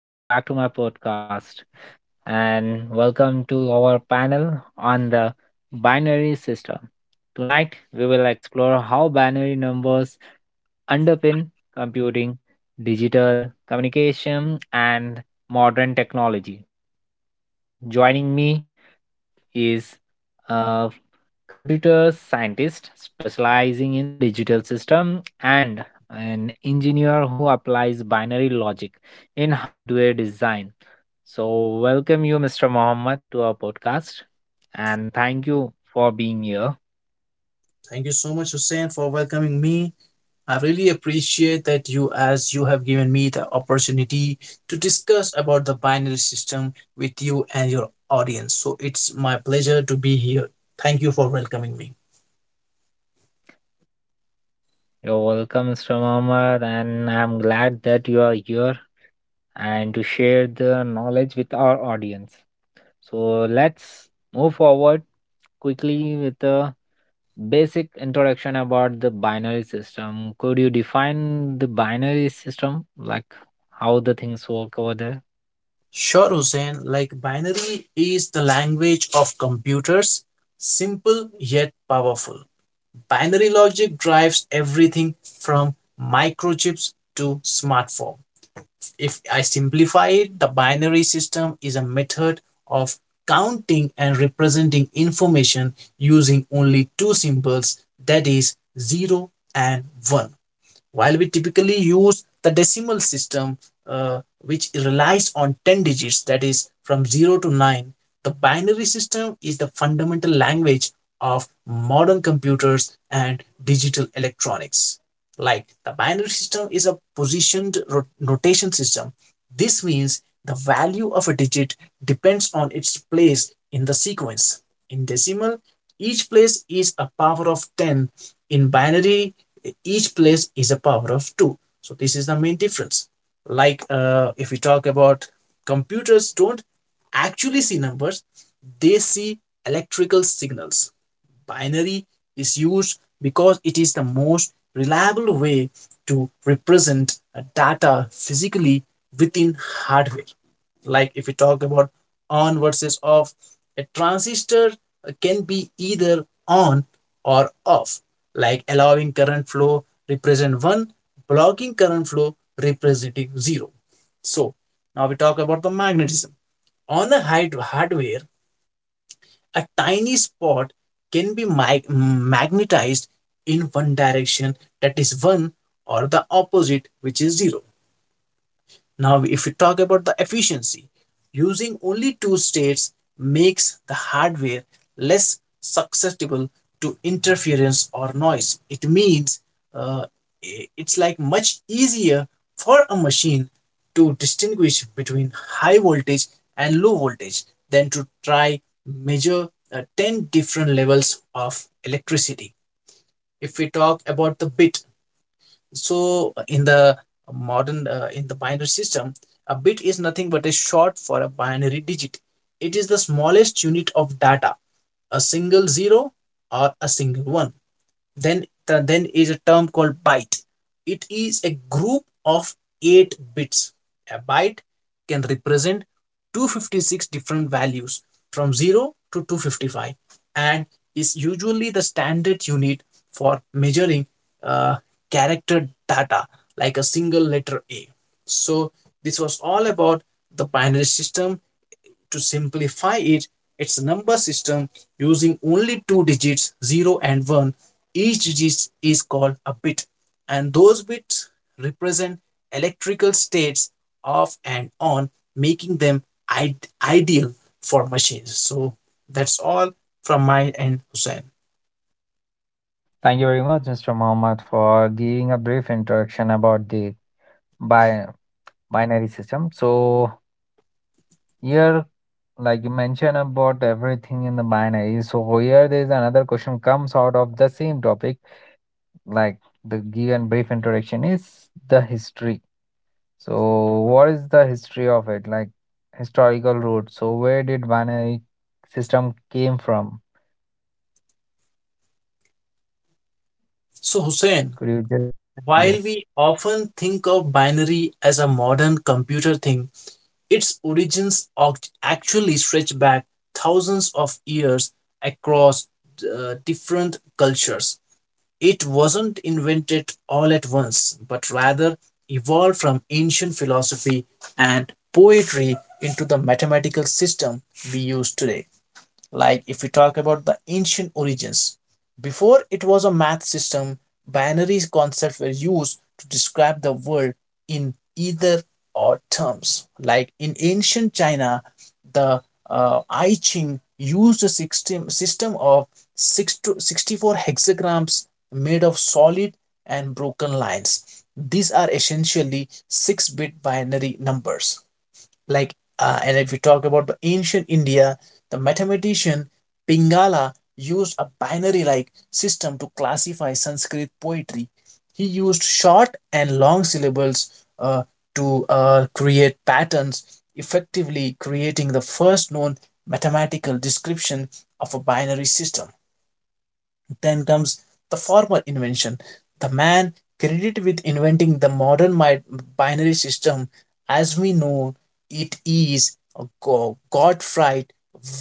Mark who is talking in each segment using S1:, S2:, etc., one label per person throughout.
S1: Welcome back to my podcast and welcome to our panel on the binary system. Tonight, we will explore how binary numbers underpin computing, digital communication, and modern technology. Joining me is a computer scientist specializing in the digital system and an engineer who applies binary logic in hardware design. So, welcome you, Mr. Mohammed, to our podcast and thank you for being here.
S2: Thank you so much, Hussein, for welcoming me. I really appreciate that you, as you have given me the opportunity to discuss about the binary system with you and your audience. So it's my pleasure to be here. Thank you for welcoming me.
S1: You're welcome, Mr. Mohammed, and I'm glad that you are here and to share the knowledge with our audience. So, let's move forward quickly with the basic introduction about the binary system. Could you define the binary system, like how the things work over there?
S2: Sure, Hussein. Like binary is the language of computers, simple yet powerful. Binary logic drives everything from microchips to smartphone. If I simplify it, the binary system is a method of counting and representing information using only two symbols, that is 0 and 1, while we typically use the decimal system, which relies on 10 digits, that is from 0 to 9. The binary system is the fundamental language of modern computers and digital electronics. Like the binary system is a positioned rotation system. This means the value of a digit depends on its place in the sequence. In decimal, each place is a power of 10. In binary, each place is a power of 2. So this is the main difference. Like, if we talk about, computers don't actually see numbers. They see electrical signals. Binary is used because it is the most reliable way to represent data physically within hardware. Like if we talk about on versus off, a transistor can be either on or off, like allowing current flow represent 1, blocking current flow representing 0. So now we talk about the magnetism. On the hardware, a tiny spot can be magnetized in one direction, that is 1, or the opposite, which is 0. Now, if we talk about the efficiency, using only two states makes the hardware less susceptible to interference or noise. It means, uh, it's like much easier for a machine to distinguish between high voltage and low voltage than to try measure 10 different levels of electricity. If we talk about the bit, so in the modern, in the binary system, a bit is nothing but a short for a binary digit. It is the smallest unit of data, a single zero or a single one. Then is a term called byte. It is a group of eight bits. A byte can represent 256 different values from 0 to 255, and is usually the standard unit for measuring, uh, character data like a single letter A. So this was all about the binary system. To simplify it, its a number system using only two digits 0 and 1. Each digit is called a bit, and those bits represent electrical states, off and on, making them ideal for machines. So that's all from my end, Hussein.
S1: Thank you very much, Mr. Mohammed, for giving a brief introduction about the bi- binary system. So, here, like you mentioned about everything in the binary. So, here there is another question comes out of the same topic, like the given brief introduction is the history. So, what is the history of it? Like historical roots. So, where did binary system came from?
S2: So, Hussein,
S1: Could you just
S2: while we
S1: yes.
S2: often think of binary as a modern computer thing, its origins actually stretch back thousands of years across, different cultures. It wasn't invented all at once, but rather evolved from ancient philosophy and poetry into the mathematical system we use today. Like if we talk about the ancient origins, before it was a math system, binary concepts were used to describe the world in either or terms. Like in ancient China, the I Ching used a system of six to 64 hexagrams made of solid and broken lines. These are essentially 6 bit binary numbers. Like and if we talk about the ancient India, the mathematician Pingala used a binary like system to classify Sanskrit poetry. He used short and long syllables, to create patterns, effectively creating the first known mathematical description of a binary system. Then comes the formal invention. The man credited with inventing the modern binary system as we know it is Gottfried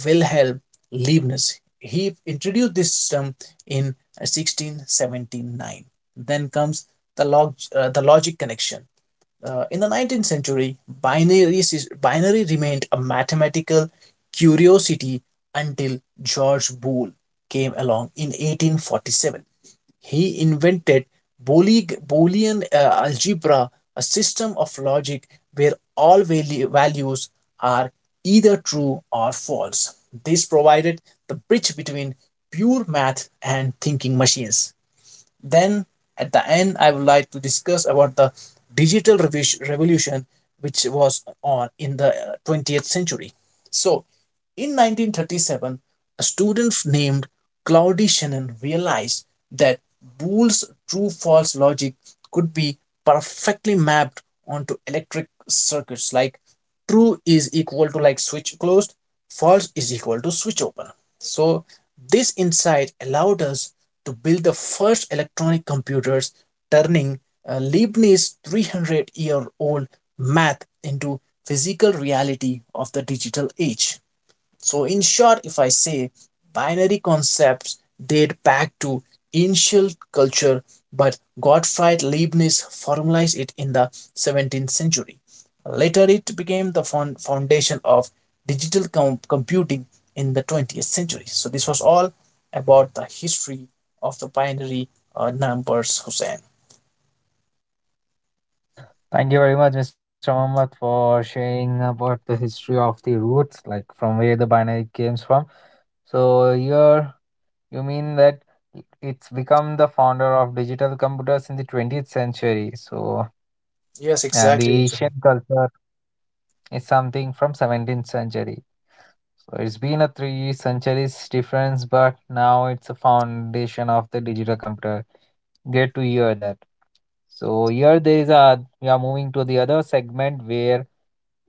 S2: Wilhelm Leibniz. He introduced this system in 1679. Then comes the logic connection. In the 19th century, binary remained a mathematical curiosity until George Boole came along in 1847. He invented Boolean algebra, a system of logic where all values are either true or false. This provided the bridge between pure math and thinking machines. Then at the end, I would like to discuss about the digital revolution which was on in the 20th century. So, in 1937, a student named Claude Shannon realized that Boole's true false logic could be perfectly mapped onto electric circuits, like true is equal to like switch closed, false is equal to switch open. So, this insight allowed us to build the first electronic computers, turning, Leibniz's 300 year old math into physical reality of the digital age. So, in short, if I say binary concepts date back to ancient culture, but Gottfried Leibniz formalized it in the 17th century. Later, it became the foundation of digital computing in the 20th century. So, this was all about the history of the binary numbers, Hussein.
S1: Thank you very much, Mr. Mohammed, for sharing about the history of the roots, like from where the binary comes from. So, here you mean that it's become the founder of digital computers in the 20th century. So,
S2: Yes,
S1: and
S2: exactly.
S1: the Asian culture is something from 17th century. So it's been a three centuries difference, but now it's a foundation of the digital computer. Great to hear that. So here there is a we are moving to the other segment where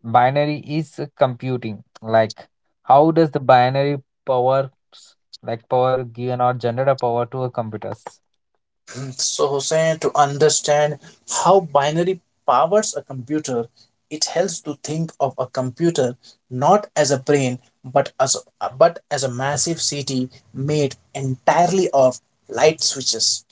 S1: binary is a computing. Like how does the binary power s- like power given or generate a power to a computers?
S2: So, Hussein, to understand how binary powers a computer, it helps to think of a computer not as a brain, but as a massive city made entirely of light switches.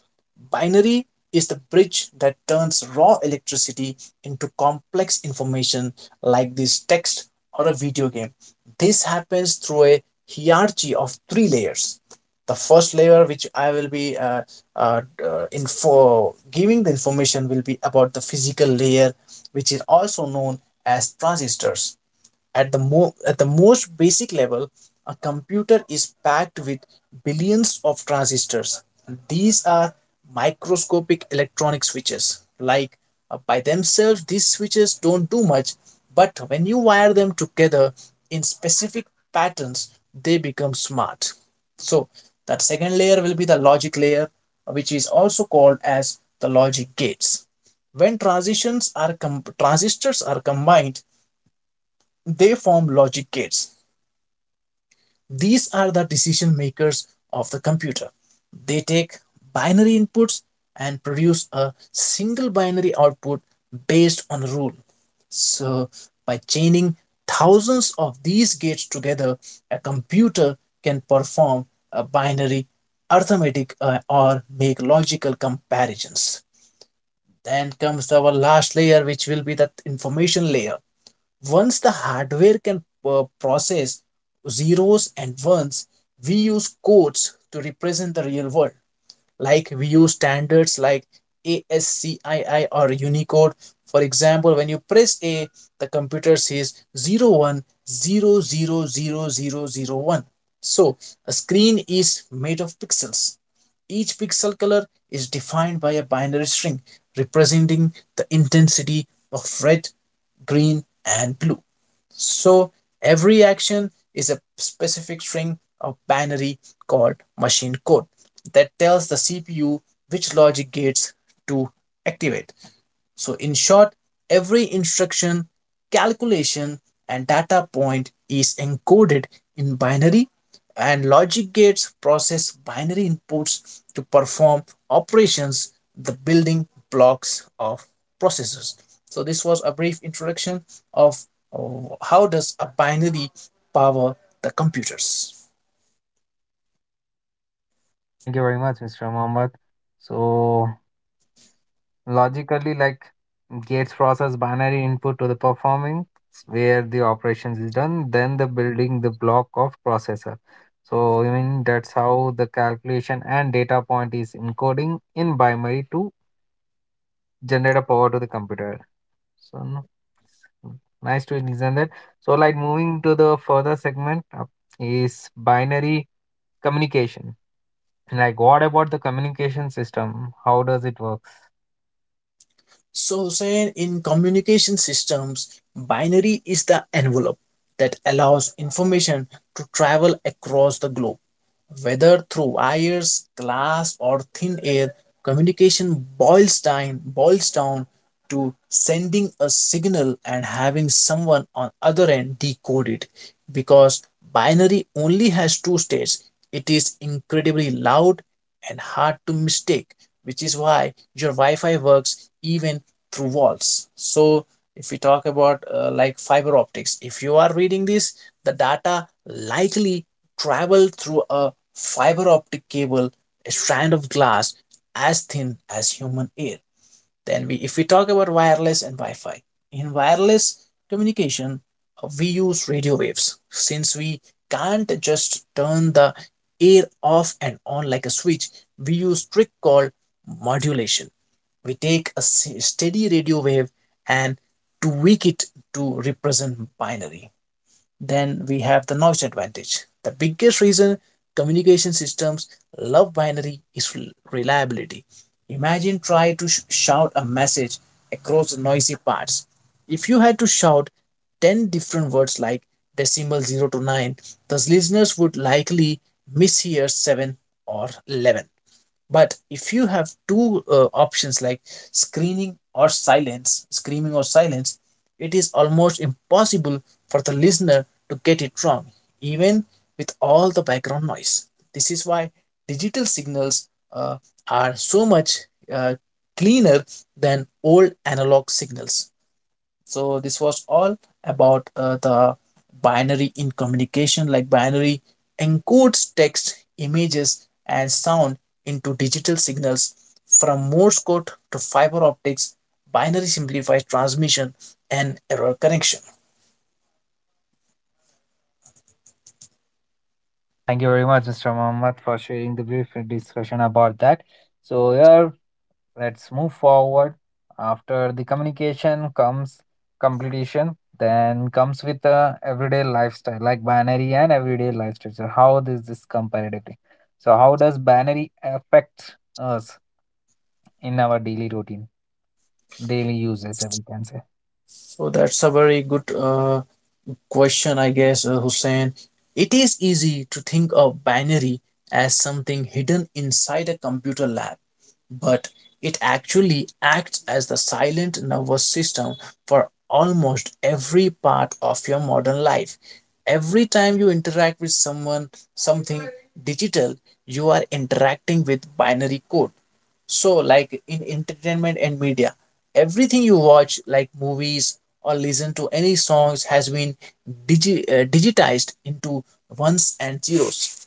S2: Binary is the bridge that turns raw electricity into complex information like this text or a video game. This happens through a hierarchy of three layers. The first layer, which I will be uh, info giving the information, will be about the physical layer, which is also known as transistors. At the most basic level, a computer is packed with billions of transistors. These are microscopic electronic switches. Like, by themselves, these switches don't do much, but when you wire them together in specific patterns, they become smart. So, that second layer will be the logic layer, which is also called as the logic gates. When transistors are combined, they form logic gates. These are the decision makers of the computer. They take binary inputs and produce a single binary output based on a rule. So, by chaining thousands of these gates together, a computer can perform a binary arithmetic, or make logical comparisons. Then comes our last layer, which will be that information layer. Once the hardware can process zeros and ones, we use codes to represent the real world. Like we use standards like ASCII or Unicode. For example, when you press A, the computer says 01000001. So a screen is made of pixels. Each pixel color is defined by a binary string representing the intensity of red, green, and blue. So every action is a specific string of binary called machine code that tells the CPU which logic gates to activate. So, in short, every instruction, calculation, and data point is encoded in binary, and logic gates process binary inputs to perform operations, the building blocks of processors. So, this was a brief introduction of, oh, how does a binary power the computers.
S1: Thank you very much, Mr. Mohammed. So logically, like gates process binary input to the performing where the operations is done, then the building the block of processor. So I mean that's how the calculation and data point is encoding in binary to generate a power to the computer. So no, it's nice to listen that. So like moving to the further segment up is binary communication. Like what about the communication system? How does it work?
S2: So, Hussein, in communication systems, binary is the envelope that allows information to travel across the globe. Whether through wires, glass, or thin air, communication boils down to sending a signal and having someone on other end decode it. Because binary only has two states, it is incredibly loud and hard to mistake, which is why your Wi-Fi works even through walls. So if we talk about, like fiber optics, if you are reading this, the data likely traveled through a fiber optic cable, a strand of glass as thin as human hair. Then we, if we talk about wireless and Wi-Fi, in wireless communication, we use radio waves since we can't just turn the air off and on like a switch. We use trick called modulation. We take a steady radio wave and tweak it to represent binary. Then we have the noise advantage. The biggest reason communication systems love binary is reliability. Imagine try to shout a message across noisy parts. If you had to shout 10 different words like decimal 0 to 9, the listeners would likely mishear 7 or 11. But if you have two options, like screening or silence screaming or silence, it is almost impossible for the listener to get it wrong, even with all the background noise. This is why digital signals, are so much, uh, cleaner than old analog signals. So this was all about, the binary in communication, like binary encodes text, images, and sound into digital signals. From Morse code to fiber optics, binary simplifies transmission and error correction.
S1: Thank you very much, Mr. Mohammed, for sharing the brief discussion about that. So here, let's move forward. After the communication comes completion, then comes with the everyday lifestyle, like binary and everyday lifestyle. So how does this comparatively? So how does binary affect us in our daily routine, daily usage, if we can say?
S2: So that's a very good, question, I guess, Hussein. It is easy to think of binary as something hidden inside a computer lab, but it actually acts as the silent nervous system for almost every part of your modern life. Every time you interact with someone, something digital, you are interacting with binary code. So, like in entertainment and media, everything you watch, like movies or listen to any songs, has been digitized into ones and zeros.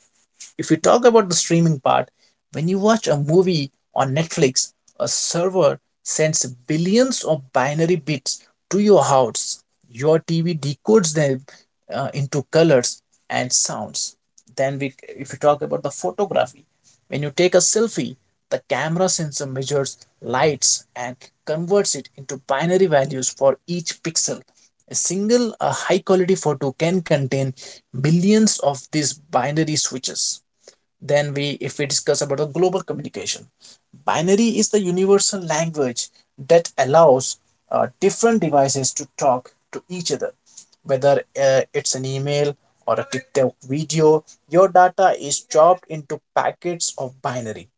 S2: If we talk about the streaming part, when you watch a movie on Netflix, a server sends billions of binary bits to your house. Your TV decodes them into colors and sounds. If you talk about the photography, when you take a selfie, the camera sensor measures lights and converts it into binary values for each pixel. A high quality photo can contain billions of these binary switches. Then we if we discuss about the global communication, binary is the universal language that allows different devices to talk to each other, whether it's an email or a TikTok video. Your data is chopped into packets of binary,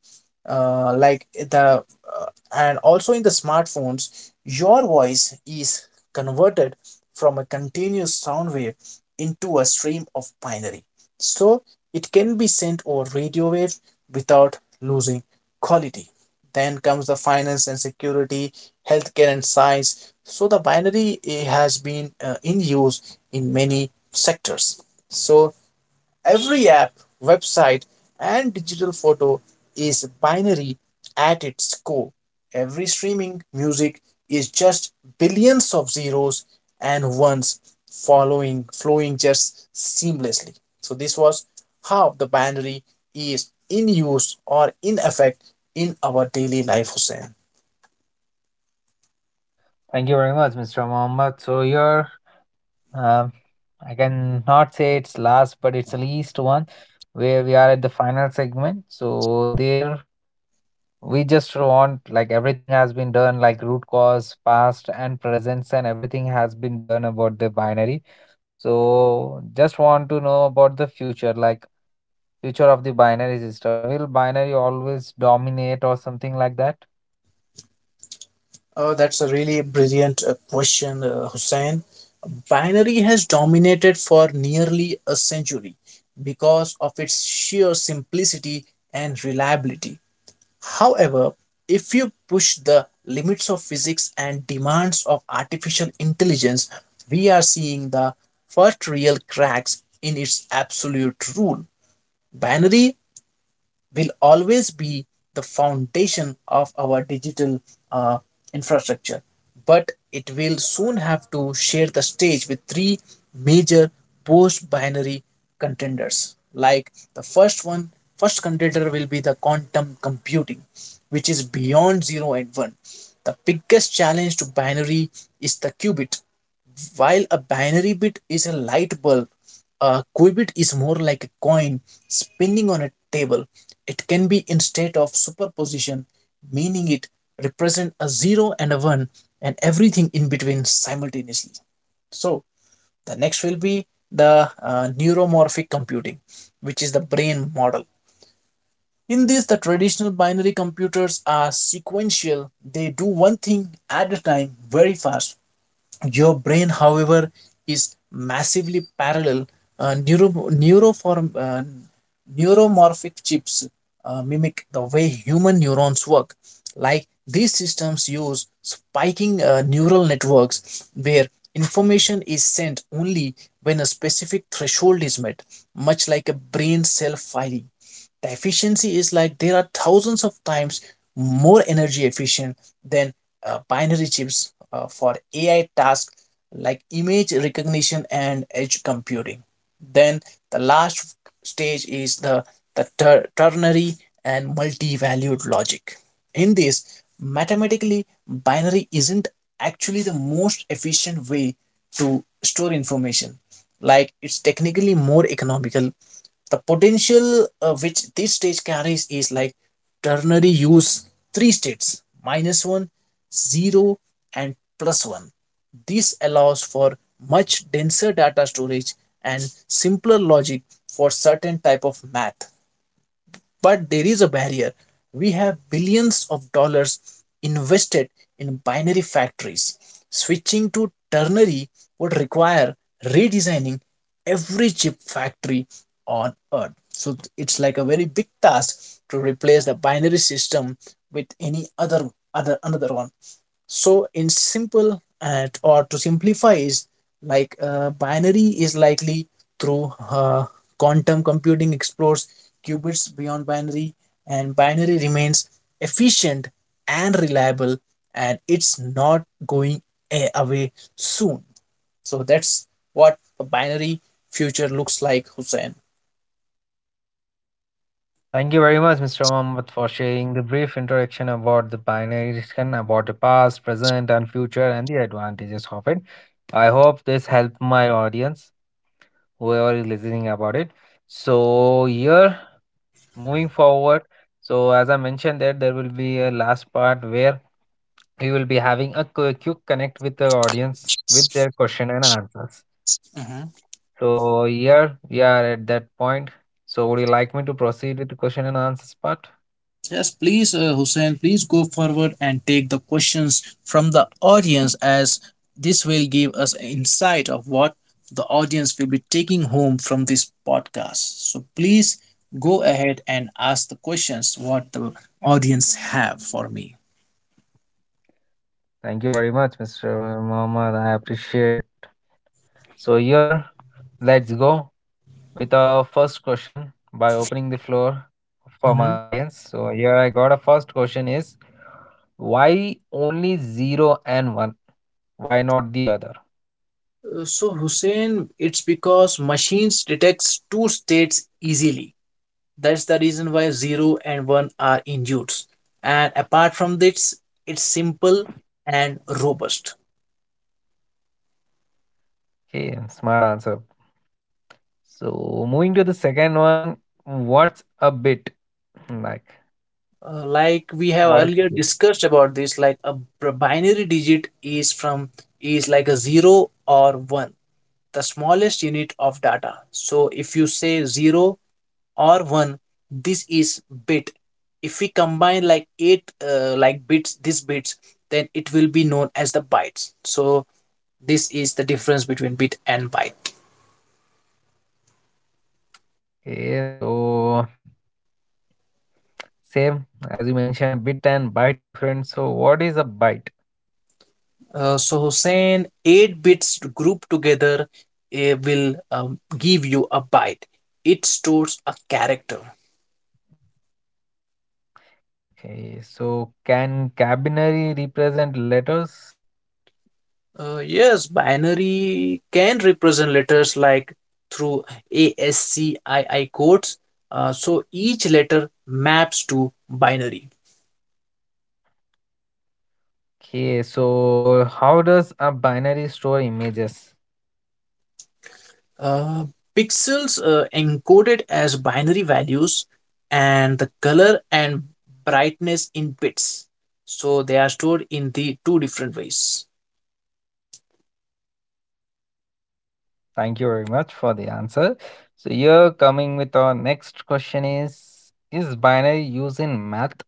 S2: like the uh, and also in the smartphones your voice is converted from a continuous sound wave into a stream of binary, so it can be sent over radio waves without losing quality. Then comes the finance and security, healthcare and science. So the binary has been in use in many sectors. So every app, website, and digital photo is binary at its core. Every streaming music is just billions of zeros and ones following flowing just seamlessly. So this was how the binary is in use or in effect in our daily life, Hussein.
S1: Thank you very much, Mr. Mohammed. So here Um, I can not say it's last, but it's the least one where we are at the final segment. So there we just want like everything has been done, like root cause, past and presence, and everything has been done about the binary. So just want to know about the future, like future of the binary system. Will binary always dominate or something like that?
S2: Oh, that's a really brilliant question, Hussein. Binary has dominated for nearly a century because of its sheer simplicity and reliability. However, if you push the limits of physics and demands of artificial intelligence, we are seeing the first real cracks in its absolute rule. Binary will always be the foundation of our digital uh, infrastructure, but it will soon have to share the stage with three major post binary contenders. Like, the first contender will be the quantum computing, which is beyond 0 and 1. The biggest challenge to binary is the qubit. While a binary bit is a light bulb, a qubit is more like a coin spinning on a table. It can be in state of superposition, meaning it represent a 0 and a 1 and everything in between simultaneously. So the next will be the neuromorphic computing, which is the brain model. In this, the traditional binary computers are sequential. They do one thing at a time very fast. Your brain, however, is massively parallel. Uh, neuro, neuroform, uh, neuromorphic chips mimic the way human neurons work. Like, these systems use spiking neural networks where information is sent only when a specific threshold is met, much like a brain cell firing. The efficiency is like there are thousands of times more energy efficient than binary chips for AI tasks like image recognition and edge computing. Then the last stage is ternary and multi-valued logic. In this, mathematically, binary isn't actually the most efficient way to store information. Like, it's technically more economical. The potential which this stage carries is like ternary use three states minus one, zero, and plus 1. This allows for much denser data storage and simpler logic for certain type of math. But there is a barrier. We have billions of dollars invested in binary factories. Switching to ternary would require redesigning every chip factory on Earth. So it's like a very big task to replace the binary system with any other other another one. So in simple, and or to simplify, is like, binary is likely through, quantum computing explores qubits beyond binary, and binary remains efficient and reliable, and it's not going away soon. So that's what a binary future looks like, Hussein.
S1: Thank you very much, Mr. Mohammed, for sharing the brief introduction about the binary discussion about the past, present, and future, and the advantages of it. I hope this helped my audience, whoever is listening about it. So here, moving forward, so as I mentioned that there will be a last part where we will be having a quick connect with the audience with their question and answers. So here we are at that point. So would you like me to proceed with the question and answers part?
S2: Yes, please, Hussein, please go forward and take the questions from the audience, as this will give us insight of what the audience will be taking home from this podcast. So please go ahead and ask the questions what the audience have for me.
S1: Thank you very much, Mr. Muhammad. I appreciate. So here, let's go with our first question by opening the floor for my
S2: Mhm.
S1: audience. So here I got a first question is why only zero and one? Why not the other?
S2: So Hussein, it's because machines detects two states easily. That's the reason why 0 and 1 are in use. And apart from this, it's simple and robust.
S1: Okay, smart answer. So moving to the second one, what's a bit like?
S2: Like we have
S1: What is a
S2: earlier
S1: bit?
S2: discussed about this, like a binary digit is like a 0 or 1, the smallest unit of data. So if you say 0 or 1, this is bit. If we combine like 8 like bits, these bits, then it will be known as the bytes. So this is the difference between bit and byte.
S1: Okay, so same as you mentioned, a bit and bite different. So what is a bite?
S2: So Hussein, 8 bits grouped together will give you a byte. It stores a character.
S1: Okay, so can binary represent letters?
S2: Yes, binary can represent letters like through ASCII codes. So each letter maps to binary.
S1: Okay, so how does a binary store images?
S2: Uh, Pixels encoded as binary values, and the color and brightness in bits. So they are stored in the two different ways.
S1: Thank you very much for the answer. So you're coming with our next question is binary used in math?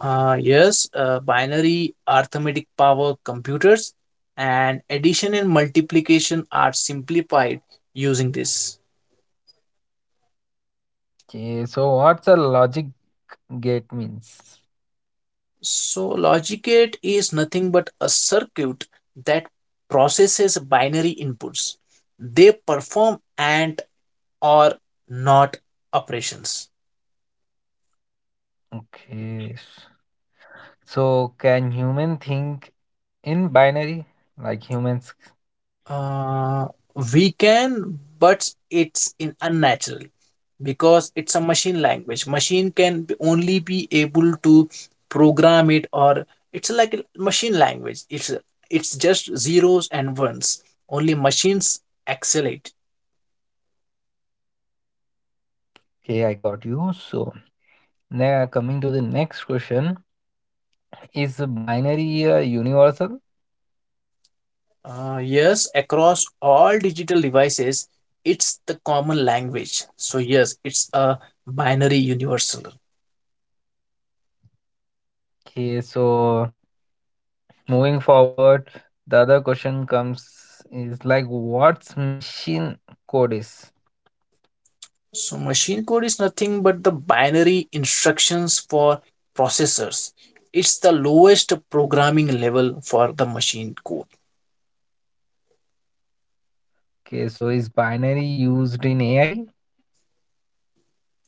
S2: Yes, binary arithmetic power computers, and addition and multiplication are simplified using this.
S1: Okay, so what's a logic gate means?
S2: So, logic gate is nothing but a circuit that processes binary inputs. They perform and, or, not operations.
S1: Okay, s- so can human think in binary like humans?
S2: Uh, we can, but it's in unnatural because it's a machine language. Machine can only be able to program it, or it's like a machine language. It's just zeros and ones. Only machines excel it.
S1: Okay, I got you. So now coming to the next question. Is binary universal?
S2: Yes, across all digital devices, it's the common language. So yes, it's a binary universal.
S1: Okay, so moving forward, the other question comes is like what's machine code is?
S2: So machine code is nothing but the binary instructions for processors. It's the lowest programming level for the machine code.
S1: Okay, so is binary used in AI?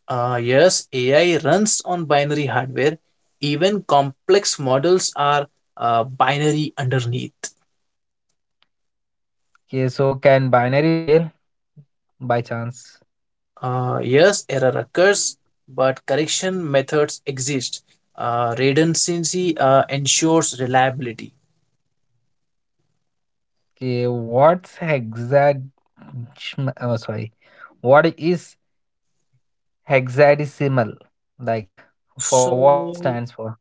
S2: Yes, AI runs on binary hardware. Even complex models are binary underneath.
S1: Okay, so can binary fail by chance?
S2: Yes, error occurs, but correction methods exist. Redundancy ensures reliability.
S1: Okay, what's hexad? Oh, sorry, what is hexadecimal? Like for
S2: So
S1: what it stands for?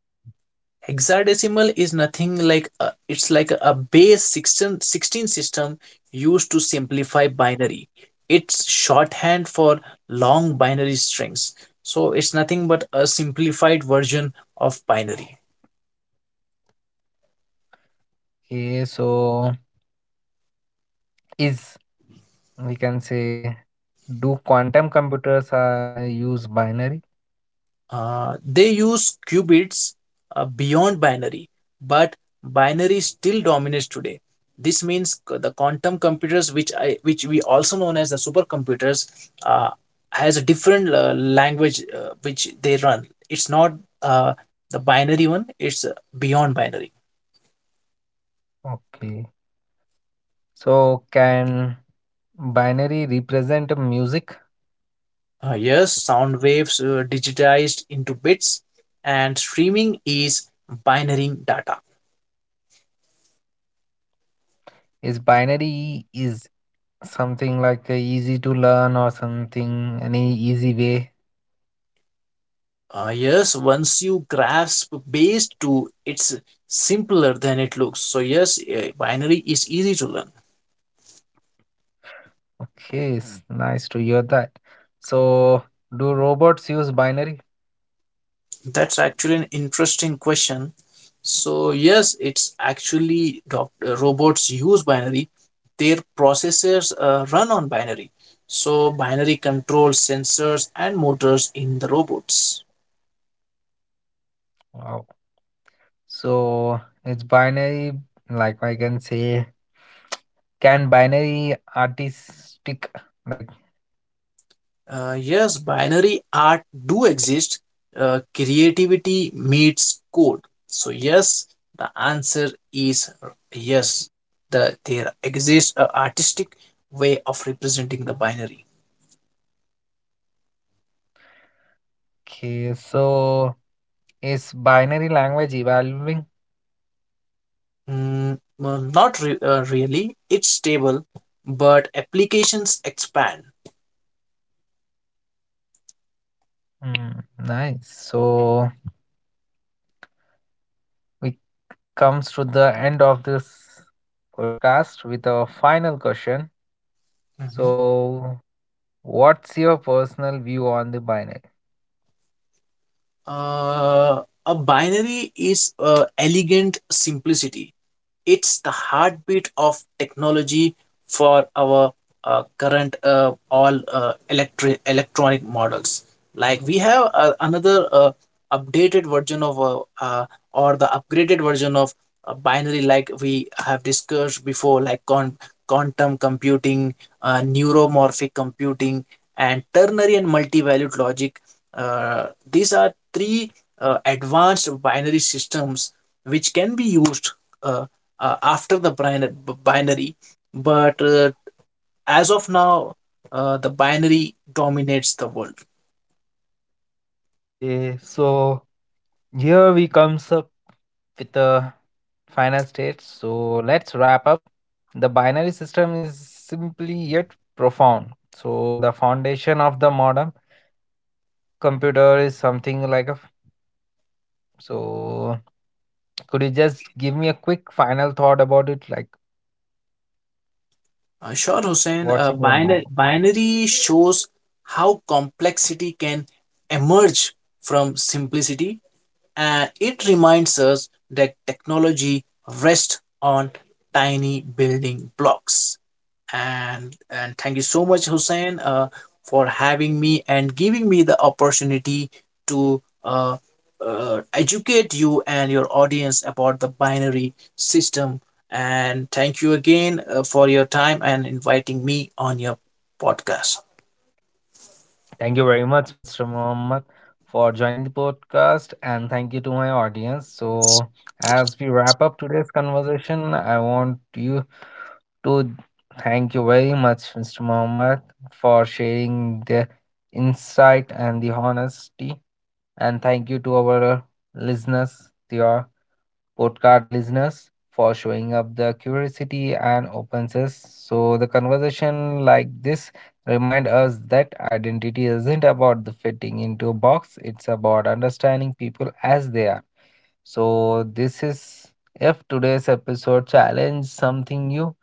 S2: hexadecimal is nothing, it's like a base 16 16 system used to simplify binary. It's shorthand for long binary strings. So it's nothing but a simplified version of binary.
S1: Okay, so is we can say, do quantum computers use binary?
S2: They use qubits beyond binary, but binary still dominates today. This means the quantum computers, which we also known as the supercomputers, uh, has a different language which they run. It's not uh, the binary one; it's beyond binary.
S1: Okay. So can binary represent music?
S2: Yes, sound waves digitized into bits, and streaming is binary data.
S1: Is binary is something like easy to learn or something any easy way?
S2: Yes, once you grasp base two, it's simpler than it looks. So, yes, binary is easy to learn.
S1: Okay, it's nice to hear that. So do robots use binary?
S2: That's actually an interesting question. So, yes, it's actually robots use binary, their processors run on binary. So, binary controls sensors and motors in the robots.
S1: Wow. So it's binary like I can say can binary artistic like
S2: Yes, binary art do exist. Creativity meets code. So yes, the answer is yes. There exists a artistic way of representing the binary.
S1: okay so is binary language evolving?
S2: Mm, well, not really. It's stable, but applications expand.
S1: Mm, nice. So we comes to the end of this podcast with a final question.
S2: Mhm.
S1: So what's your personal view on the binary?
S2: A binary is elegant simplicity. It's the heartbeat of technology for our current, all electric electronic models. Like, we have another updated version of or the upgraded version of binary, like we have discussed before, like quantum computing, neuromorphic computing, and ternary and multi-valued logic. These are three advanced binary systems which can be used uh, after the binary. But as of now, the binary dominates the world.
S1: Okay, so here we comes up with the final stage. So let's wrap up. The binary system is simply yet profound. So the foundation of the modern computer is something like a so could you just give me a quick final thought about it? Like,
S2: Sure, Hussein.
S1: what's
S2: uh,
S1: in your mind?
S2: binary, binary shows how complexity can emerge from simplicity, and it reminds us that technology rests on tiny building blocks. And thank you so much, Hussein, for having me and giving me the opportunity to educate you and your audience about the binary system. And thank you again for your time and inviting me on your podcast.
S1: Thank you very much, Mr. Mohammed, for joining the podcast. And thank you to my audience. So, as we wrap up today's conversation, I want you to thank you very much, Mr. Mohammed, for sharing the insight and the honesty. And thank you to our listeners, the podcast listeners, for showing up the curiosity and openness. So the conversation like this remind us that identity isn't about the fitting into a box, it's about understanding people as they are. So this is if today's episode challenge something new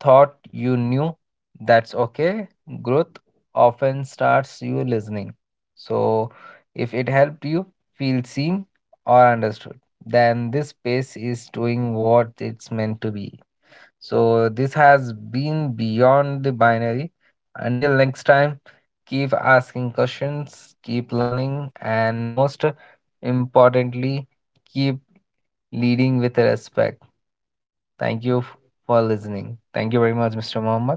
S1: thought you knew, that's okay. Growth often starts you listening. So, if it helped you feel seen or understood, then this space is doing what it's meant to be. So, this has been beyond the binary. Until next time, keep asking questions, keep learning, and most importantly, keep leading with respect. Thank you for listening. Thank you very much, Mr. Mohammed.